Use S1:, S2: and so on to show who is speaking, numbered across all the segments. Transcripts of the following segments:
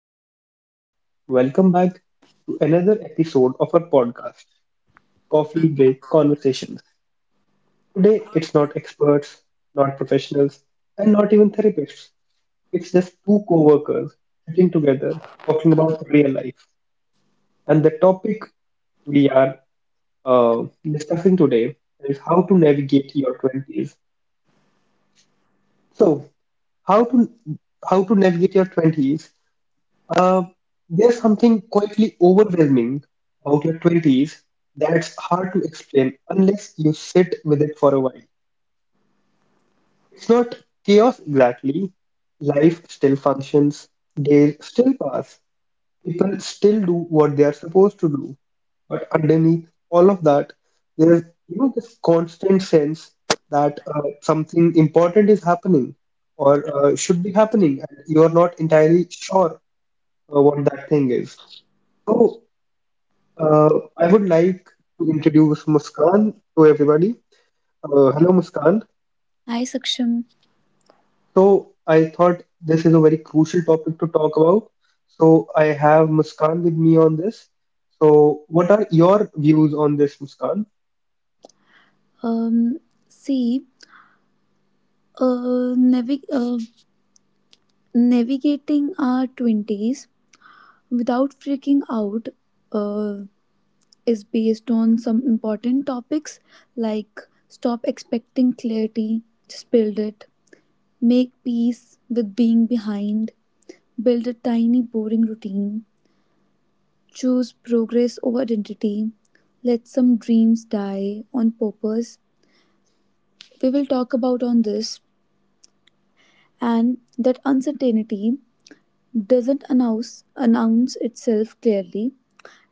S1: Hello, everyone. Welcome back to another episode of our podcast, Coffee Break Conversations. Today, it's not experts, not professionals, and not even therapists. It's just two co workers sitting together talking about real life. And the topic we are uh, discussing today is how to navigate your 20s. So, how to how to navigate your 20s. Uh, there's something quietly overwhelming about your 20s that's hard to explain unless you sit with it for a while. It's not chaos exactly. Life still functions, days still pass, people still do what they are supposed to do. But underneath all of that, there's, you know, this constant sense that something important is happening or should be happening, and you are not entirely sure what that thing is. So Uh, I would like to introduce Muskan to everybody. Hello, Muskan.
S2: Hi, Saksham.
S1: So, I thought this is a very crucial topic to talk about. So, I have Muskan with me on this. So, what are your views on this, Muskan?
S2: Um, See, uh, navi- uh, navigating our 20s without freaking out uh, is based on some important topics like stop expecting clarity, just build it, make peace with being behind, build a tiny, boring routine, choose progress over identity, let some dreams die on purpose. We will talk about on this. And that uncertainty doesn't announce itself clearly.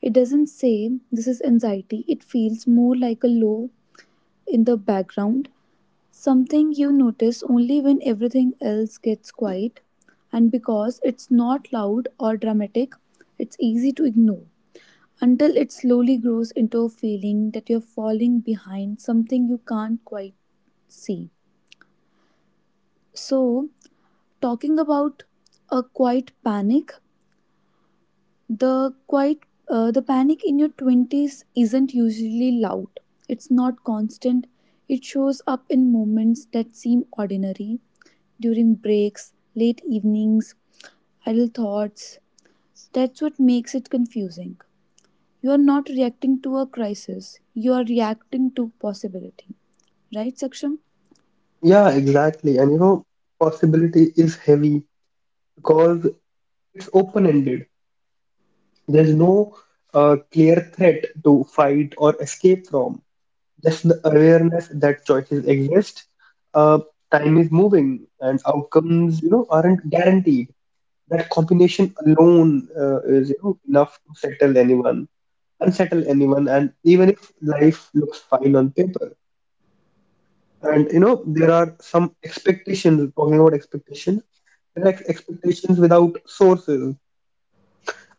S2: It doesn't say this is anxiety. It feels more like a low in the background, something you notice only when everything else gets quiet. And because it's not loud or dramatic, it's easy to ignore until it slowly grows into a feeling that you're falling behind something you can't quite see. So, talking about a quiet panic, the quite the panic in your 20s isn't usually loud, it's not constant, it shows up in moments that seem ordinary, during breaks, late evenings, idle thoughts. That's what makes it confusing. You are not reacting to a crisis, you are reacting to possibility, right, Saksham?
S1: Yeah, exactly. And you know, possibility is heavy because it's open-ended. There's no clear threat to fight or escape from. Just the awareness that choices exist, uh, time is moving, and outcomes, you know, aren't guaranteed. That combination alone is, you know, enough to settle anyone, unsettle anyone, and even if life looks fine on paper. And you know, there are some expectations. Talking about expectations, there are expectations without sources.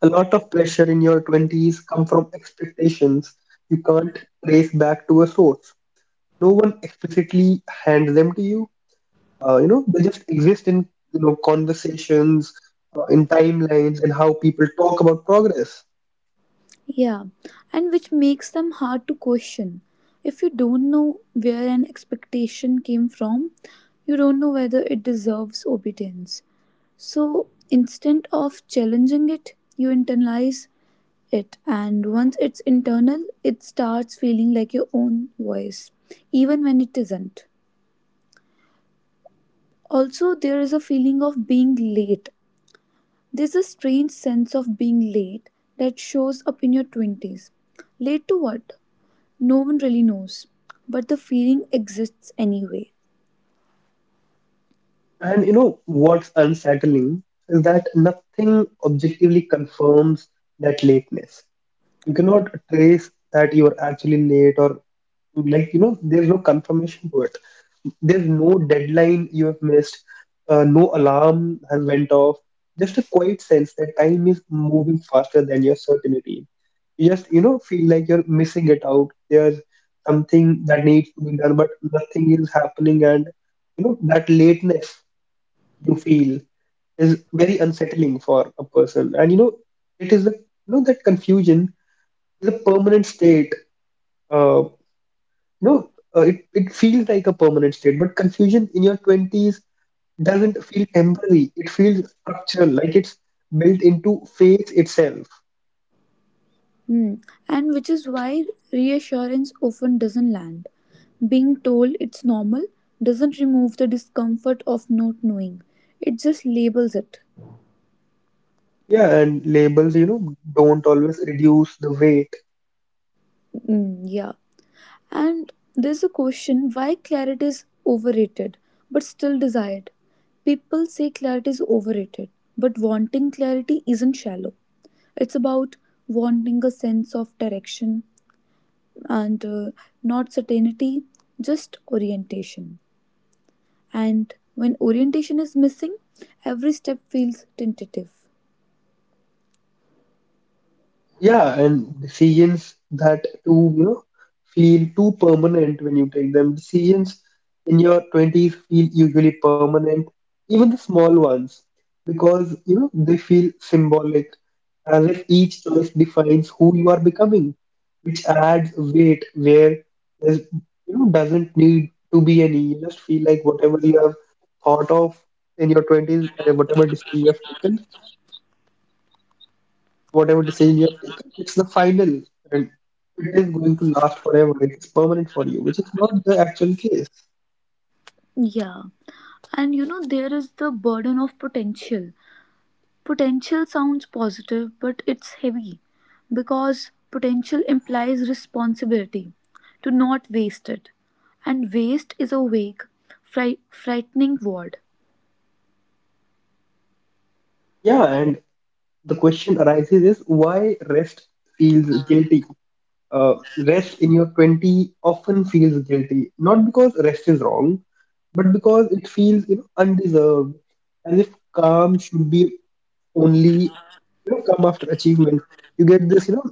S1: A lot of pressure in your 20s come from expectations you can't trace back to a source. No one explicitly hands them to you. You know, they just exist in, you know, conversations, in timelines, and how people talk about progress.
S2: Yeah, and which makes them hard to question. If you don't know where an expectation came from, you don't know whether it deserves obedience. So instead of challenging it, you internalize it, and once it's internal, it starts feeling like your own voice, even when it isn't. Also, there is a feeling of being late. There's a strange sense of being late that shows up in your 20s. Late to what? No one really knows, but the feeling exists anyway.
S1: And you know what's unsettling is that nothing objectively confirms that lateness. You cannot trace that you are actually late, or, like, you know, there's no confirmation to it. There's no deadline you have missed, no alarm has went off, just a quiet sense that time is moving faster than your certainty. You just, you know, feel like you're missing it out. There's something that needs to be done but nothing is happening. And you know, that lateness you feel is very unsettling for a person. And you know, it is the, you know, that confusion is a permanent state. Uh, you know. It, it feels like a permanent state, but confusion in your 20s doesn't feel temporary. It feels structural, like it's built into face itself.
S2: Hmm. And which is why reassurance often doesn't land. Being told it's normal doesn't remove the discomfort of not knowing, it just labels it.
S1: Yeah, and labels, you know, don't always reduce the way.
S2: Mm, yeah. And there's a question why clarity is overrated but still desired. People say clarity is overrated, but wanting clarity isn't shallow. It's about wanting a sense of direction, and not certainty, just orientation. And when orientation is missing, every step feels tentative.
S1: Yeah, and decisions, that too, you know, feel too permanent when you take them. Decisions in your 20s feel usually permanent, even the small ones, because, you know, they feel symbolic, as if each choice defines who you are becoming, which adds weight where there's, you know, doesn't need to be any. You just feel like whatever you have thought of in your 20s, whatever decision you have taken, whatever decision you have taken, it's the final and it is going to last forever. It is permanent for you, which is not the actual case.
S2: Yeah. And you know, there is the burden of potential. Potential sounds positive, but it's heavy because potential implies responsibility to not waste it. And waste is a vague, frightening word.
S1: Yeah, and the question arises is why rest feels guilty. Rest in your 20s often feels guilty, not because rest is wrong, but because it feels, you know, undeserved, as if calm should be only, you know, come after achievement. You get this, you know,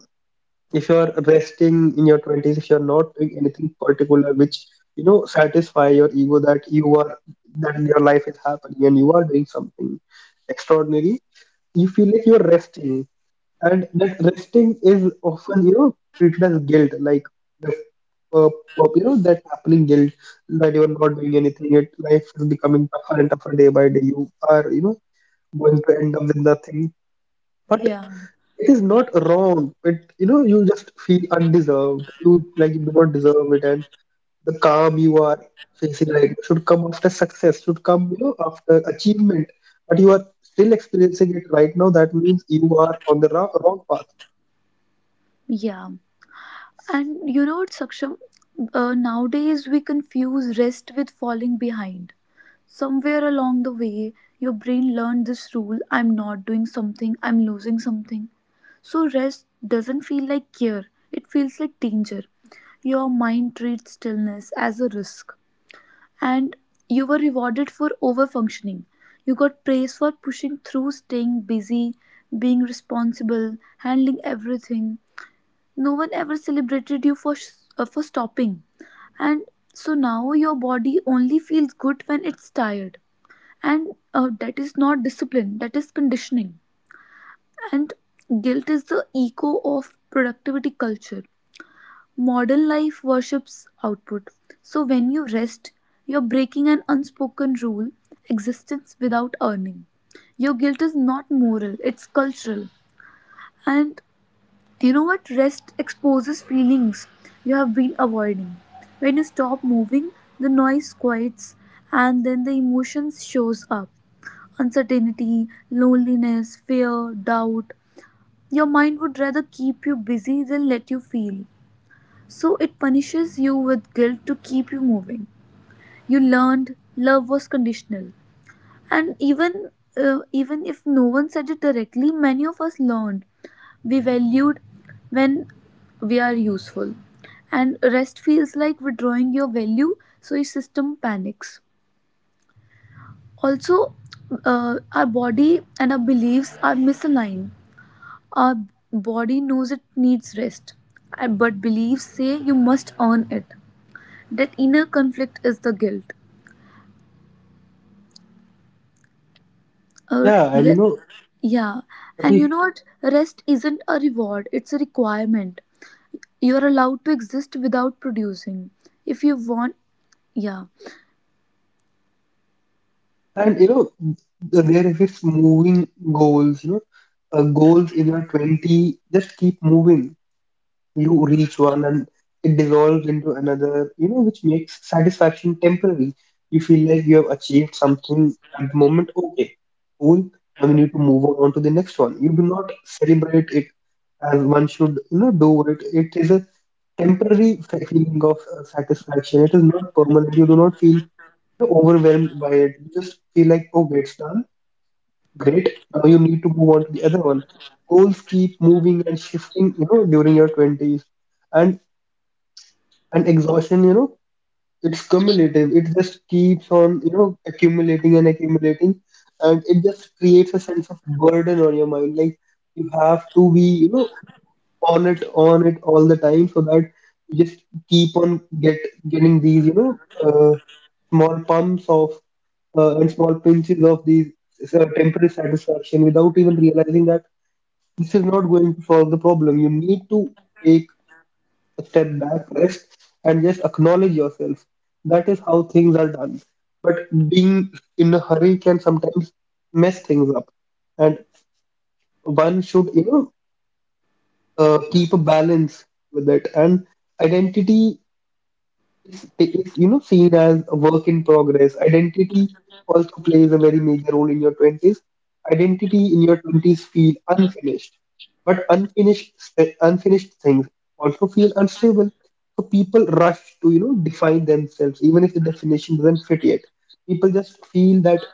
S1: if you're resting in your 20s, if you're not doing anything particular which, you know, satisfy your ego, that you are, that your life is happening and you are doing something extraordinary. You feel like you're resting, and that resting is often, you know, treated as guilt, like the you know, that happening guilt, that you're not doing anything. It life is becoming tougher and tougher day by day. You are, you know, going to end up with nothing. But
S2: Yeah.
S1: it is not wrong. It, you know, you just feel undeserved. You, like, you do not deserve it, and the calm you are facing right now should come after success. Should come, you know, after achievement. But you are still experiencing it right now. That means you are on the wrong, wrong path.
S2: Yeah. And you know what, Saksham? Nowadays, we confuse rest with falling behind. Somewhere along the way, your brain learned this rule: I'm not doing something, I'm losing something. So, rest doesn't feel like care, it feels like danger. Your mind treats stillness as a risk, and you were rewarded for over functioning. You got praise for pushing through, staying busy, being responsible, handling everything. No one ever celebrated you for stopping. And so now your body only feels good when it's tired, and that is not discipline, that is conditioning. And guilt is the echo of productivity culture. Modern life worships output, so when you rest, you're breaking an unspoken rule: existence without earning. Your guilt is not moral, it's cultural. And you know what? Rest exposes feelings you have been avoiding. When you stop moving, the noise quiets, and then the emotions shows up. Uncertainty, loneliness, fear, doubt. Your mind would rather keep you busy than let you feel. So it punishes you with guilt to keep you moving. You learned love was conditional. And even if no one said it directly, many of us learned we valued when we are useful. And rest feels like withdrawing your value, so your system panics. Also, our body and our beliefs are misaligned. Our body knows it needs rest, but beliefs say you must earn it. That inner conflict is the guilt. Or
S1: Yeah, and you
S2: re-
S1: know,
S2: Yeah, and you
S1: every
S2: know what? Rest isn't a reward, it's a requirement. You are allowed to exist without producing. If you want, yeah,
S1: and you know the- there is this moving goals. You know, goals in your 20s just keep moving. You reach one and it dissolves into another, you know, which makes satisfaction temporary. You feel like you have achieved something at the moment. Okay, cool. Now we need to move on to the next one. You do not celebrate it as one should, you know, do it. It is a temporary feeling of satisfaction. It is not permanent. You do not feel overwhelmed by it. You just feel like, oh, it's done. Great. Now you need to move on to the other one. Goals keep moving and shifting, you know, during your 20s. And and exhaustion, you know, it's cumulative. It just keeps on, you know, accumulating and accumulating. And it just creates a sense of burden on your mind. Like you have to be, you know, on it all the time, so that you just keep on getting these, you know, small pumps of and small pinches of these temporary satisfaction without even realizing that this is not going to solve the problem. You need to take a step back, rest, and just acknowledge yourself. That is how things are done. But being in a hurry can sometimes mess things up, and one should, you know, keep a balance with it. And identity, it's, you know, seen as a work in progress. Identity also plays a very major role in your 20s. Identity in your 20s feel unfinished, but unfinished things also feel unstable. So people rush to, you know, define themselves, even if the definition doesn't fit yet. People just feel that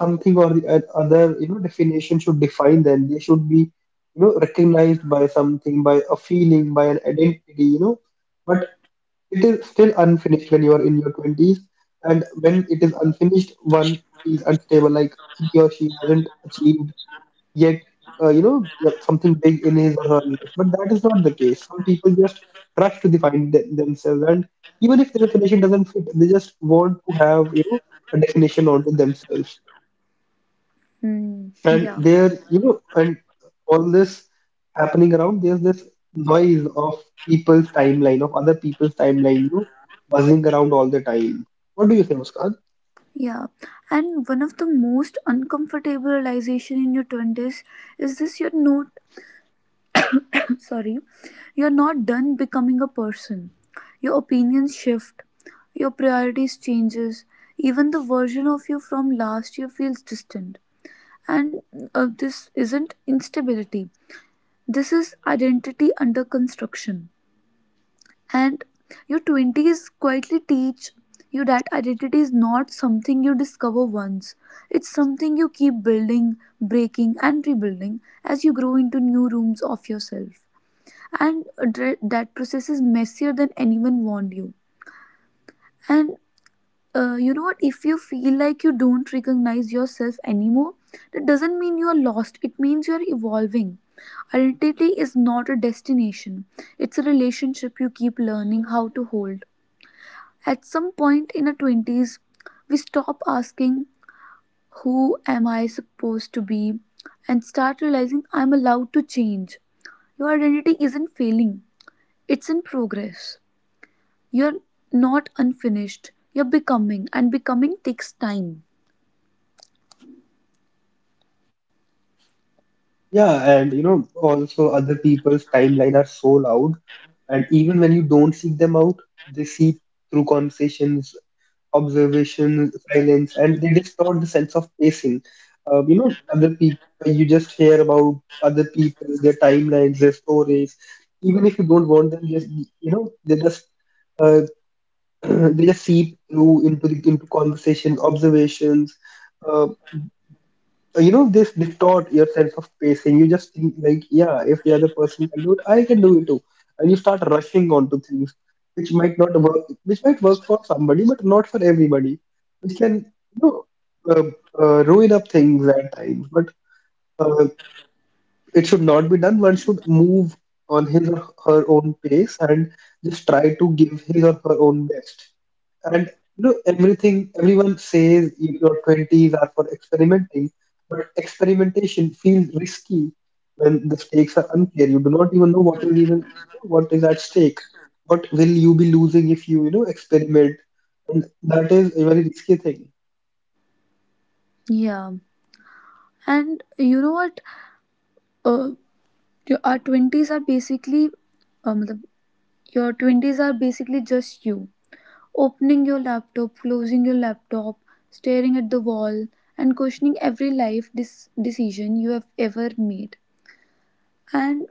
S1: something or the other, you know, definition should define them. They should be, you know, recognized by something, by a feeling, by an identity. You know, but it is still unfinished when you are in your 20s, and when it is unfinished, one feels unstable, like he or she hasn't achieved yet, you know, yet something big in his or her life. But that is not the case. Some people just rush to define themselves, and even if the definition doesn't fit, they just want to have, you know, a definition onto themselves.
S2: Hmm.
S1: And
S2: Yeah,
S1: there, you know, and all this happening around, there's this noise of people's timeline, of other people's timeline, you know, buzzing around all the time. What do you say, Muskan?
S2: yeah. And one of the most uncomfortable realization in your 20s is this: you're not, sorry, you're not done becoming a person. Your opinions shift, your priorities changes, even the version of you from last year feels distant. And this isn't instability. This is identity under construction. And your 20s quietly teach you that identity is not something you discover once. It's something you keep building, breaking, and rebuilding as you grow into new rooms of yourself. And that process is messier than anyone warned you. And you know what, if you feel like you don't recognize yourself anymore, that doesn't mean you are lost, it means you are evolving. Identity is not a destination, it's a relationship you keep learning how to hold. At some point in our 20s, we stop asking who am I supposed to be, and start realizing I'm allowed to change. Your identity isn't failing, it's in progress. You're not unfinished, you're becoming, and becoming takes time.
S1: Yeah, and you know, also other people's timeline are so loud, and even when you don't seek them out, they seep through conversations, observation, silence, and they distort the sense of pacing. You know, other people, you just hear about other people, their timelines, their stories. Even if you don't want them, just, you know, they just uh, they just seep through into the into conversation, observations. Uh, you know, this distort your sense of pacing. You just think like, yeah, if the other person can do it, I can do it too. And you start rushing onto things which might not work, which might work for somebody but not for everybody, which can, you know, uh, ruin up things at times. But uh, it should not be done. One should move on his or her own pace and just try to give his or her own best. And you know, everything everyone says your 20s are for experimenting, but experimentation feels risky when the stakes are unclear. You do not even know what is at stake. What will you be losing if you, you know, experiment? And that is a very risky thing.
S2: Yeah, and you know what? Uh, our twenties are basically, um, your twenties are basically just you opening your laptop, closing your laptop, staring at the wall, and questioning every decision you have ever made. And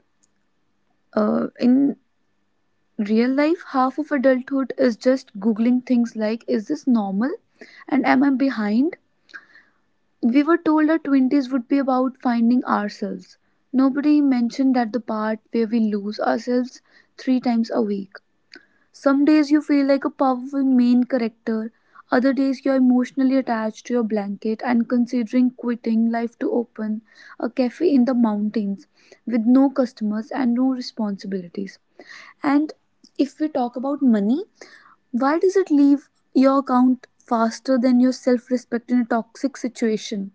S2: in real life, half of adulthood is just googling things like, "Is this normal?" and "Am I behind?" We were told our twenties would be about finding ourselves. Nobody mentioned that the part where we lose ourselves three times a week. Some days you feel like a powerful main character, other days you're emotionally attached to your blanket and considering quitting life to open a cafe in the mountains with no customers and no responsibilities. And if we talk about money, why does it leave your account faster than your self respect in a toxic situation?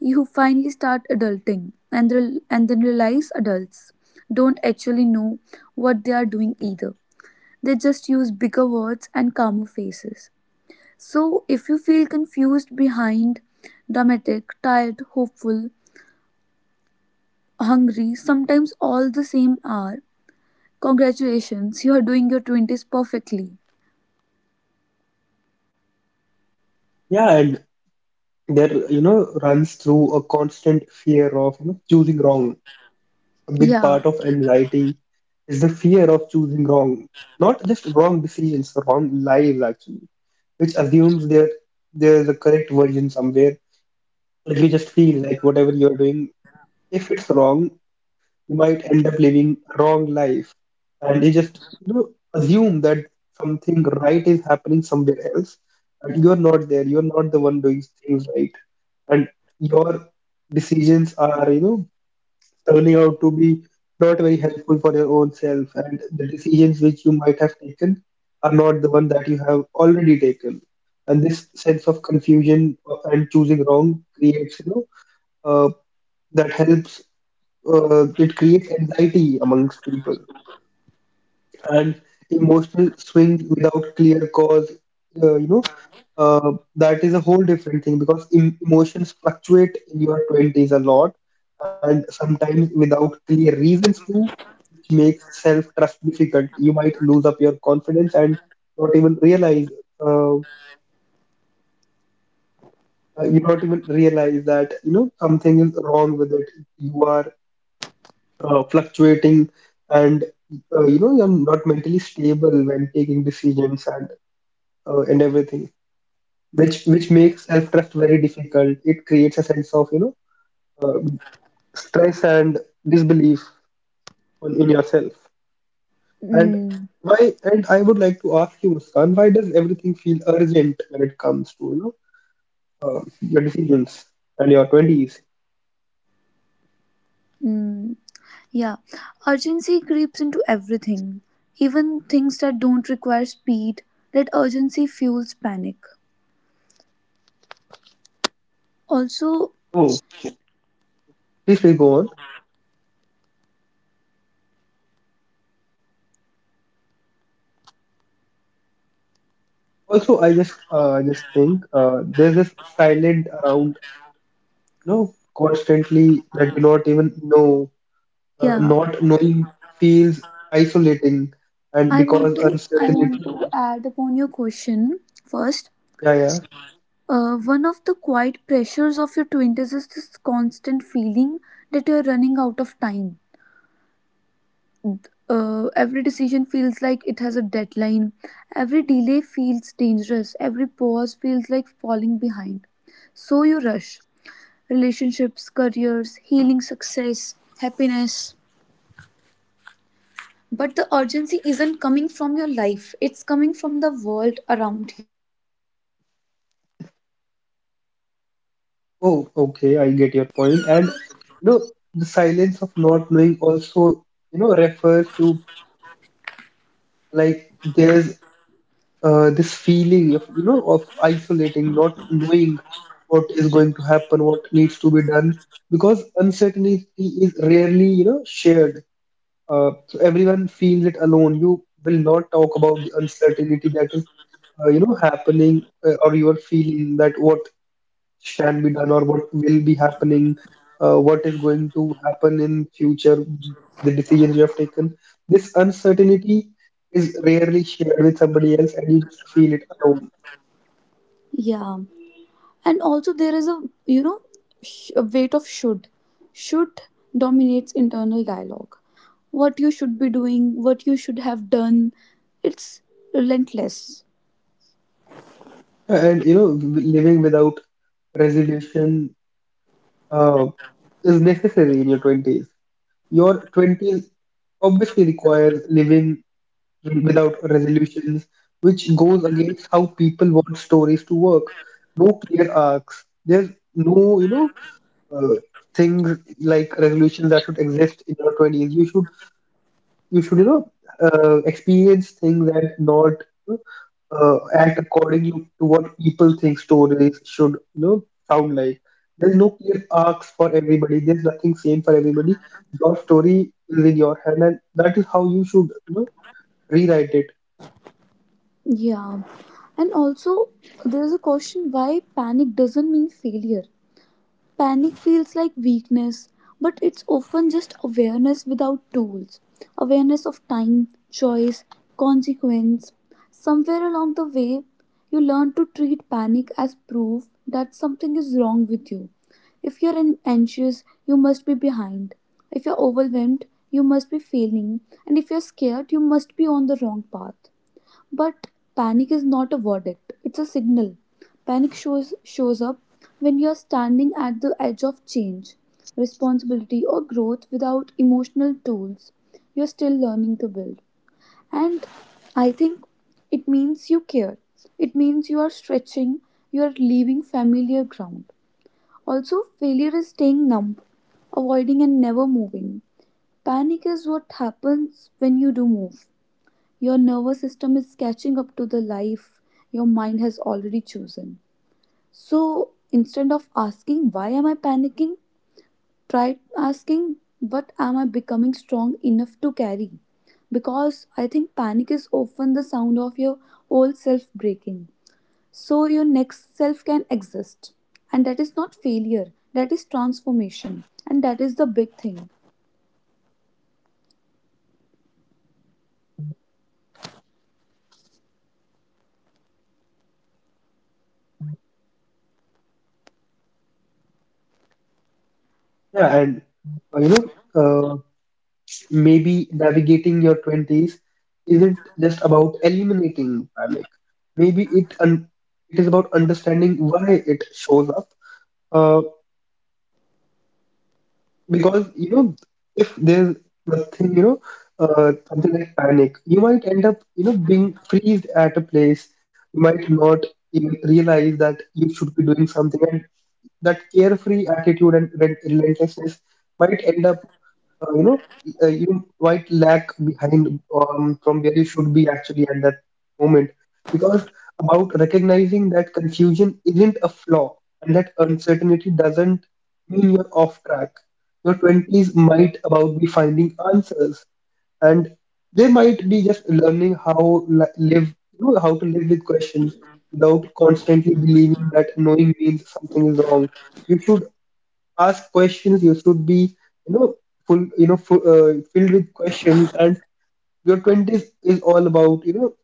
S2: You finally start adulting and then realize adults don't actually know what they are doing either. They just use bigger words and calmer faces. So if you feel confused behind, dramatic, tired, hopeful, hungry, sometimes all the same are, congratulations, you are doing your 20s perfectly.
S1: Yeah, and there, you know, runs through a constant fear of, you know, choosing wrong. A big
S2: Yeah.
S1: part of anxiety is the fear of choosing wrong, not just wrong decisions, wrong lives actually, which assumes there is a correct version somewhere. But you just feel like whatever you are doing, if it's wrong, you might end up living a wrong life, and you just, you know, assume that something right is happening somewhere else, and you're not there. You're not the one doing things right, and your decisions are, you know, turning out to be not very helpful for your own self, and the decisions which you might have taken are not the one that you have already taken. And this sense of confusion, and choosing wrong creates, you know, uh, that helps. It creates anxiety amongst people and emotional swings without clear cause. Uh, you know uh, that is a whole different thing because emotions fluctuate in your 20s a lot, and sometimes without clear reasons too, which makes self-trust difficult. You might lose up your confidence and not even realize. Uh, uh, you not even realize that, you know, something is wrong with it. You are fluctuating, and, you know, you're not mentally stable when taking decisions and everything, which makes self trust very difficult. It creates a sense of, you know, uh, stress and disbelief on, in yourself. And
S2: Mm.
S1: why? And I would like to ask you, Muskan, why does everything feel urgent when it comes to, you know, your decisions and your twenties?
S2: Mm. Yeah, urgency creeps into everything, even things that don't require speed. That urgency fuels panic. Also,
S1: Oh, please, please go on. Also, I just think, there's this silent around, you know, constantly that you not even know.
S2: yeah,
S1: Not knowing feels isolating, and
S2: I want
S1: because
S2: to I want
S1: uncertainty,
S2: to add upon your question first.
S1: yeah, yeah.
S2: One of the quiet pressures of your twenties is this constant feeling that you are running out of time. Every decision feels like it has a deadline. Every delay feels dangerous. Every pause feels like falling behind. So you rush. Relationships, careers, healing, success, happiness. But the urgency isn't coming from your life, it's coming from the world around
S1: Oh, okay, I get your point. And, you know, the silence of not knowing also, you know, refers to, like, there's this feeling of, you know, of isolating, not knowing what is going to happen, what needs to be done, because uncertainty is rarely, you know, shared. So everyone feels it alone. You will not talk about the uncertainty that is, you know, happening, or you are feeling that what can be done or what will be happening, what is going to happen in future, the decisions you have taken. This uncertainty is rarely shared with somebody else, and you just feel it alone.
S3: Yeah, and also there is a you know a weight of should. Should dominates internal dialogue. What you should be doing, what you should have done, it's relentless.
S1: And, you know, living without resolution uh, is necessary in your 20s. Your 20s obviously requires living without resolutions, which goes against how people want stories to work. No clear arcs. There's no, you know, uh, things like resolutions that should exist in your 20s. You should, you know, experience things and not, you know, act according to what people think stories should, you know, sound like. There's no clear arcs for everybody. There's nothing same for everybody. Your story is in your hand, and that is how you should, you know, rewrite it.
S3: Yeah, and also there is a question why panic doesn't mean failure. Panic feels like weakness, but it's often just awareness without tools. Awareness of time, choice, consequence. Somewhere along the way, you learn to treat panic as proof that something is wrong with you. If you're anxious, you must be behind. If you're overwhelmed, you must be failing. And if you're scared, you must be on the wrong path. But panic is not a verdict, it's a signal. Panic shows up when you're standing at the edge of change, responsibility, or growth without emotional tools. You're still learning to build. And I think it means you care. It means you are stretching, you are leaving familiar ground. Also, failure is staying numb, avoiding and never moving. Panic is what happens when you do move. Your nervous system is catching up to the life your mind has already chosen. So instead of asking, "Why am I panicking?" try asking, "What am I becoming strong enough to carry?" Because I think panic is often the sound of your old self breaking, so your next self can exist. And that is not failure, that is transformation. And that is the big thing.
S1: Yeah, and you know, uh, maybe navigating your 20s isn't just about eliminating panic. Maybe it is about understanding why it shows up. Uh, because, you know, if there's nothing, you know, something like panic, you might end up, you know, being freezed at a place. You might not even realize that you should be doing something, and that carefree attitude and relentlessness might end up, you know, you might lag behind, from where you should be actually at that moment. Because about recognizing that confusion isn't a flaw, and that uncertainty doesn't mean you're off track. Your 20s might about be finding answers, and they might be just learning how live, you know, how to live with questions without constantly believing that knowing means something is wrong. You should ask questions. You should be, you know, you know, full, filled with questions. And your 20s is all about, you know,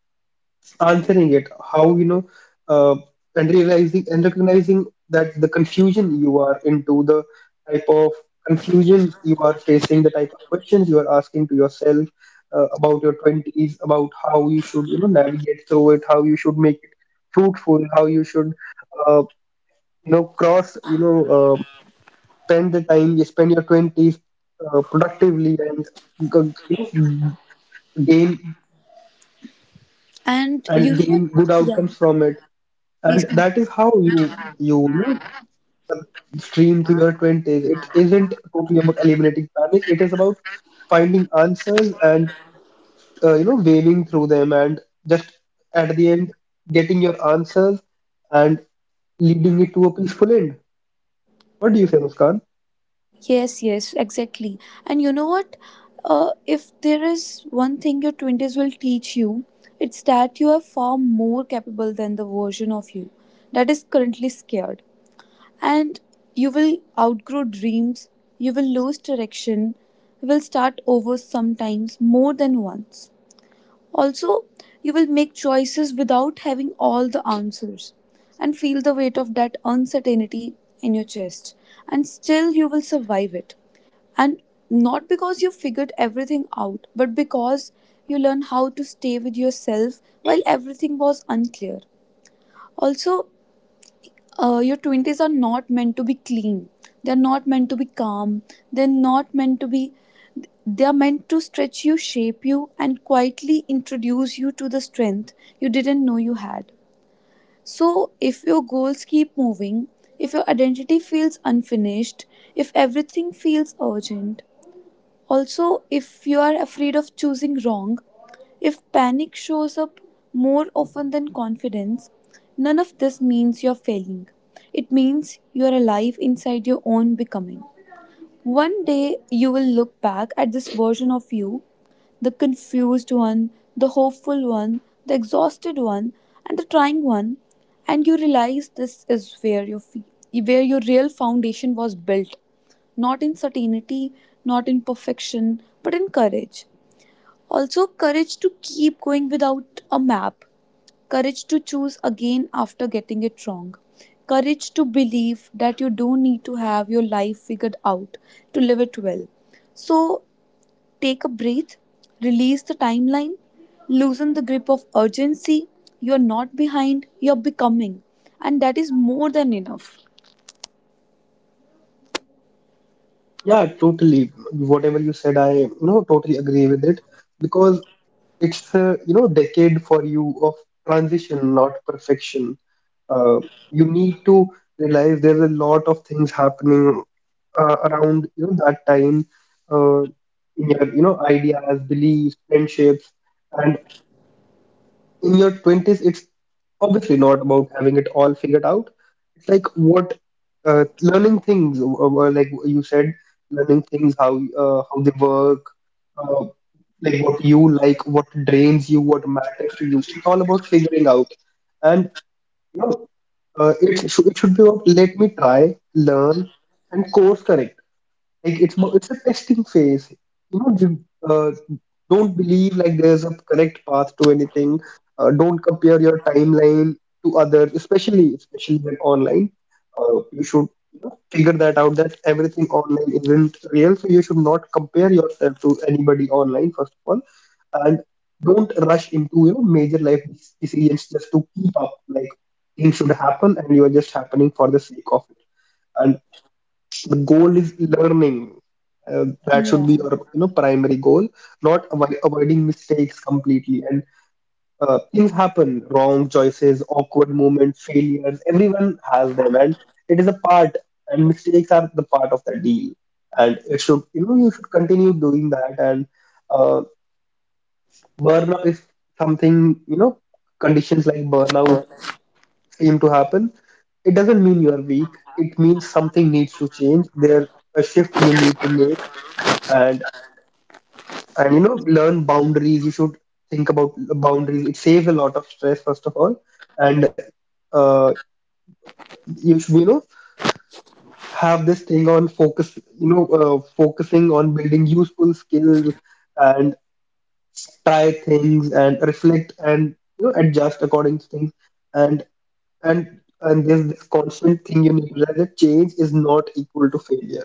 S1: answering it. How, you know, uh, and realizing and recognizing that the confusion you are into, the type of confusion you are facing, the type of questions you are asking to yourself about your 20s, about how you should, you know, navigate through it, how you should make it fruitful, how you should, uh, you know, cross, you know, spend the time you spend your 20s productively and you know, gain
S3: And you know what?
S1: gain good
S3: Yeah,
S1: outcomes from it,
S3: please
S1: and
S3: come.
S1: that is how you, you know, stream to your 20s. It isn't totally about eliminating panic. It is about finding answers and, you know, waving through them, and just at the end getting your answers and leading it to a peaceful end. What do you say, Muskan?
S3: Yes, yes, exactly. And you know what? If there is one thing your 20s will teach you, it's that you are far more capable than the version of you that is currently scared. And you will outgrow dreams, you will lose direction, you will start over sometimes more than once. Also, you will make choices without having all the answers and feel the weight of that uncertainty in your chest. And still, you will survive it, and not because you figured everything out, but because you learn how to stay with yourself while everything was unclear. Also, your 20s are not meant to be clean. They're not meant to be calm. They're not meant to be. They are meant to stretch you, shape you, and quietly introduce you to the strength you didn't know you had. So, if your goals keep moving, if your identity feels unfinished, if everything feels urgent, also, if you are afraid of choosing wrong, if panic shows up more often than confidence, none of this means you're failing. It means you're alive inside your own becoming. One day you will look back at this version of you, the confused one, the hopeful one, the exhausted one, and the trying one, and you realize this is where where your real foundation was built, not in certainty, not in perfection, but in courage. Also, courage to keep going without a map, courage to choose again after getting it wrong, courage to believe that you don't need to have your life figured out to live it well. So, take a breath, release the timeline, loosen the grip of urgency. You're not behind, you're becoming. And that is more than enough.
S1: Yeah, totally. Whatever you said, I, you know, totally agree with it, because it's a, you know, decade for you of transition, not perfection. uh, you need to realize there's a lot of things happening, around, you know, that time, uh, in your, you know, ideas, beliefs, friendships. And in your 20s, it's obviously not about having it all figured out. It's like what, learning things, like you said, learning things how, how they work, uh, like what you like, what drains you, what matters to you. It's all about figuring out. And, you know, it should be about, let me try, learn, and course correct. Like it's it's a testing phase. You know, you, don't believe like there's a correct path to anything. Don't compare your timeline to others, especially when online. You should, you know, figure that out, that everything online isn't real, so you should not compare yourself to anybody online, first of all. And don't rush into, you know, major life decisions just to keep up, like things should happen and you are just happening for the sake of it. And the goal is learning. That should
S3: Yeah,
S1: be your, you know, primary goal, not avoiding mistakes completely. And things happen: wrong choices, awkward moments, failures. Everyone has them, and it is a part, and mistakes are the part of the deal, and it should, you know, you should continue doing that. And Uh, burnout, if something, you know, conditions like burnout seem to happen, it doesn't mean you are weak. It means something needs to change. There's a shift you need to make. and and you know, learn boundaries. You should think about the boundaries. It saves a lot of stress, first of all. And uh, you should, you know, have this thing on focus, you know, focusing on building useful skills, and try things and reflect and, you know, adjust according to things and. and there's this constant thing you need to realize, that change is not equal to failure.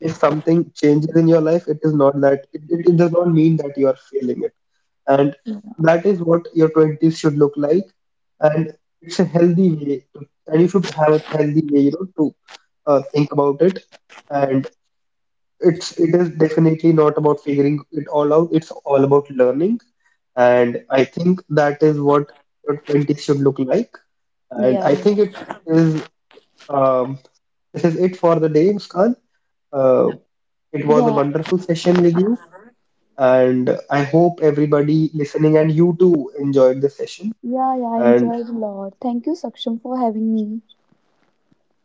S1: If something changes in your life, it is not that it does not mean that you are failing it. And that is what your 20s should look like. And it's a healthy way to, and you should have a healthy way, you know, to think about it. And it is definitely not about figuring it all out. It's all about learning, and I think that is what your 20s should look like. And
S3: yeah,
S1: I think it is, um, this is it for the day, Muskan. Uh, it was a
S3: yeah,
S1: wonderful session with you, and I hope everybody listening and you too enjoyed the session.
S3: yeah, yeah. I
S1: And
S3: enjoyed a lot. Thank you, Saksham, for having me.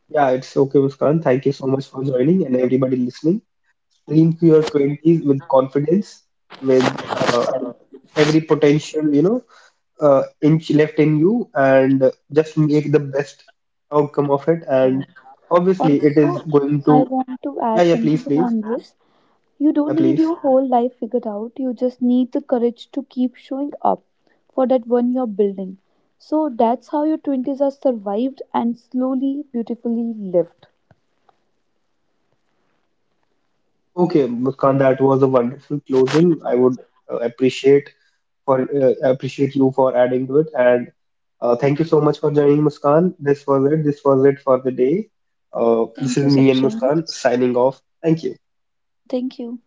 S1: yeah, it's okay, Muskan. Thank you so much for joining, and everybody listening. Dream to your 20s with confidence, with every potential, you know, inch left in you, and just make the best outcome of it. And obviously, it
S3: Also,
S1: is going
S3: I
S1: to.
S3: want to add
S1: Yeah, yeah,
S3: something
S1: please, please,
S3: on this. You don't need
S1: please.
S3: your whole life figured out, you just need the courage to keep showing up for that one you're building. So that's how your 20s are survived and slowly, beautifully lived.
S1: Okay, Muskan, that was a wonderful closing. I would uh, appreciate appreciate you for adding to it, and thank you so much for joining, Muskan. This was it. This was it for the day. This
S3: Thank
S1: is
S3: you,
S1: me and
S3: Saksham.
S1: Muskan signing off. Thank you.
S3: Thank you.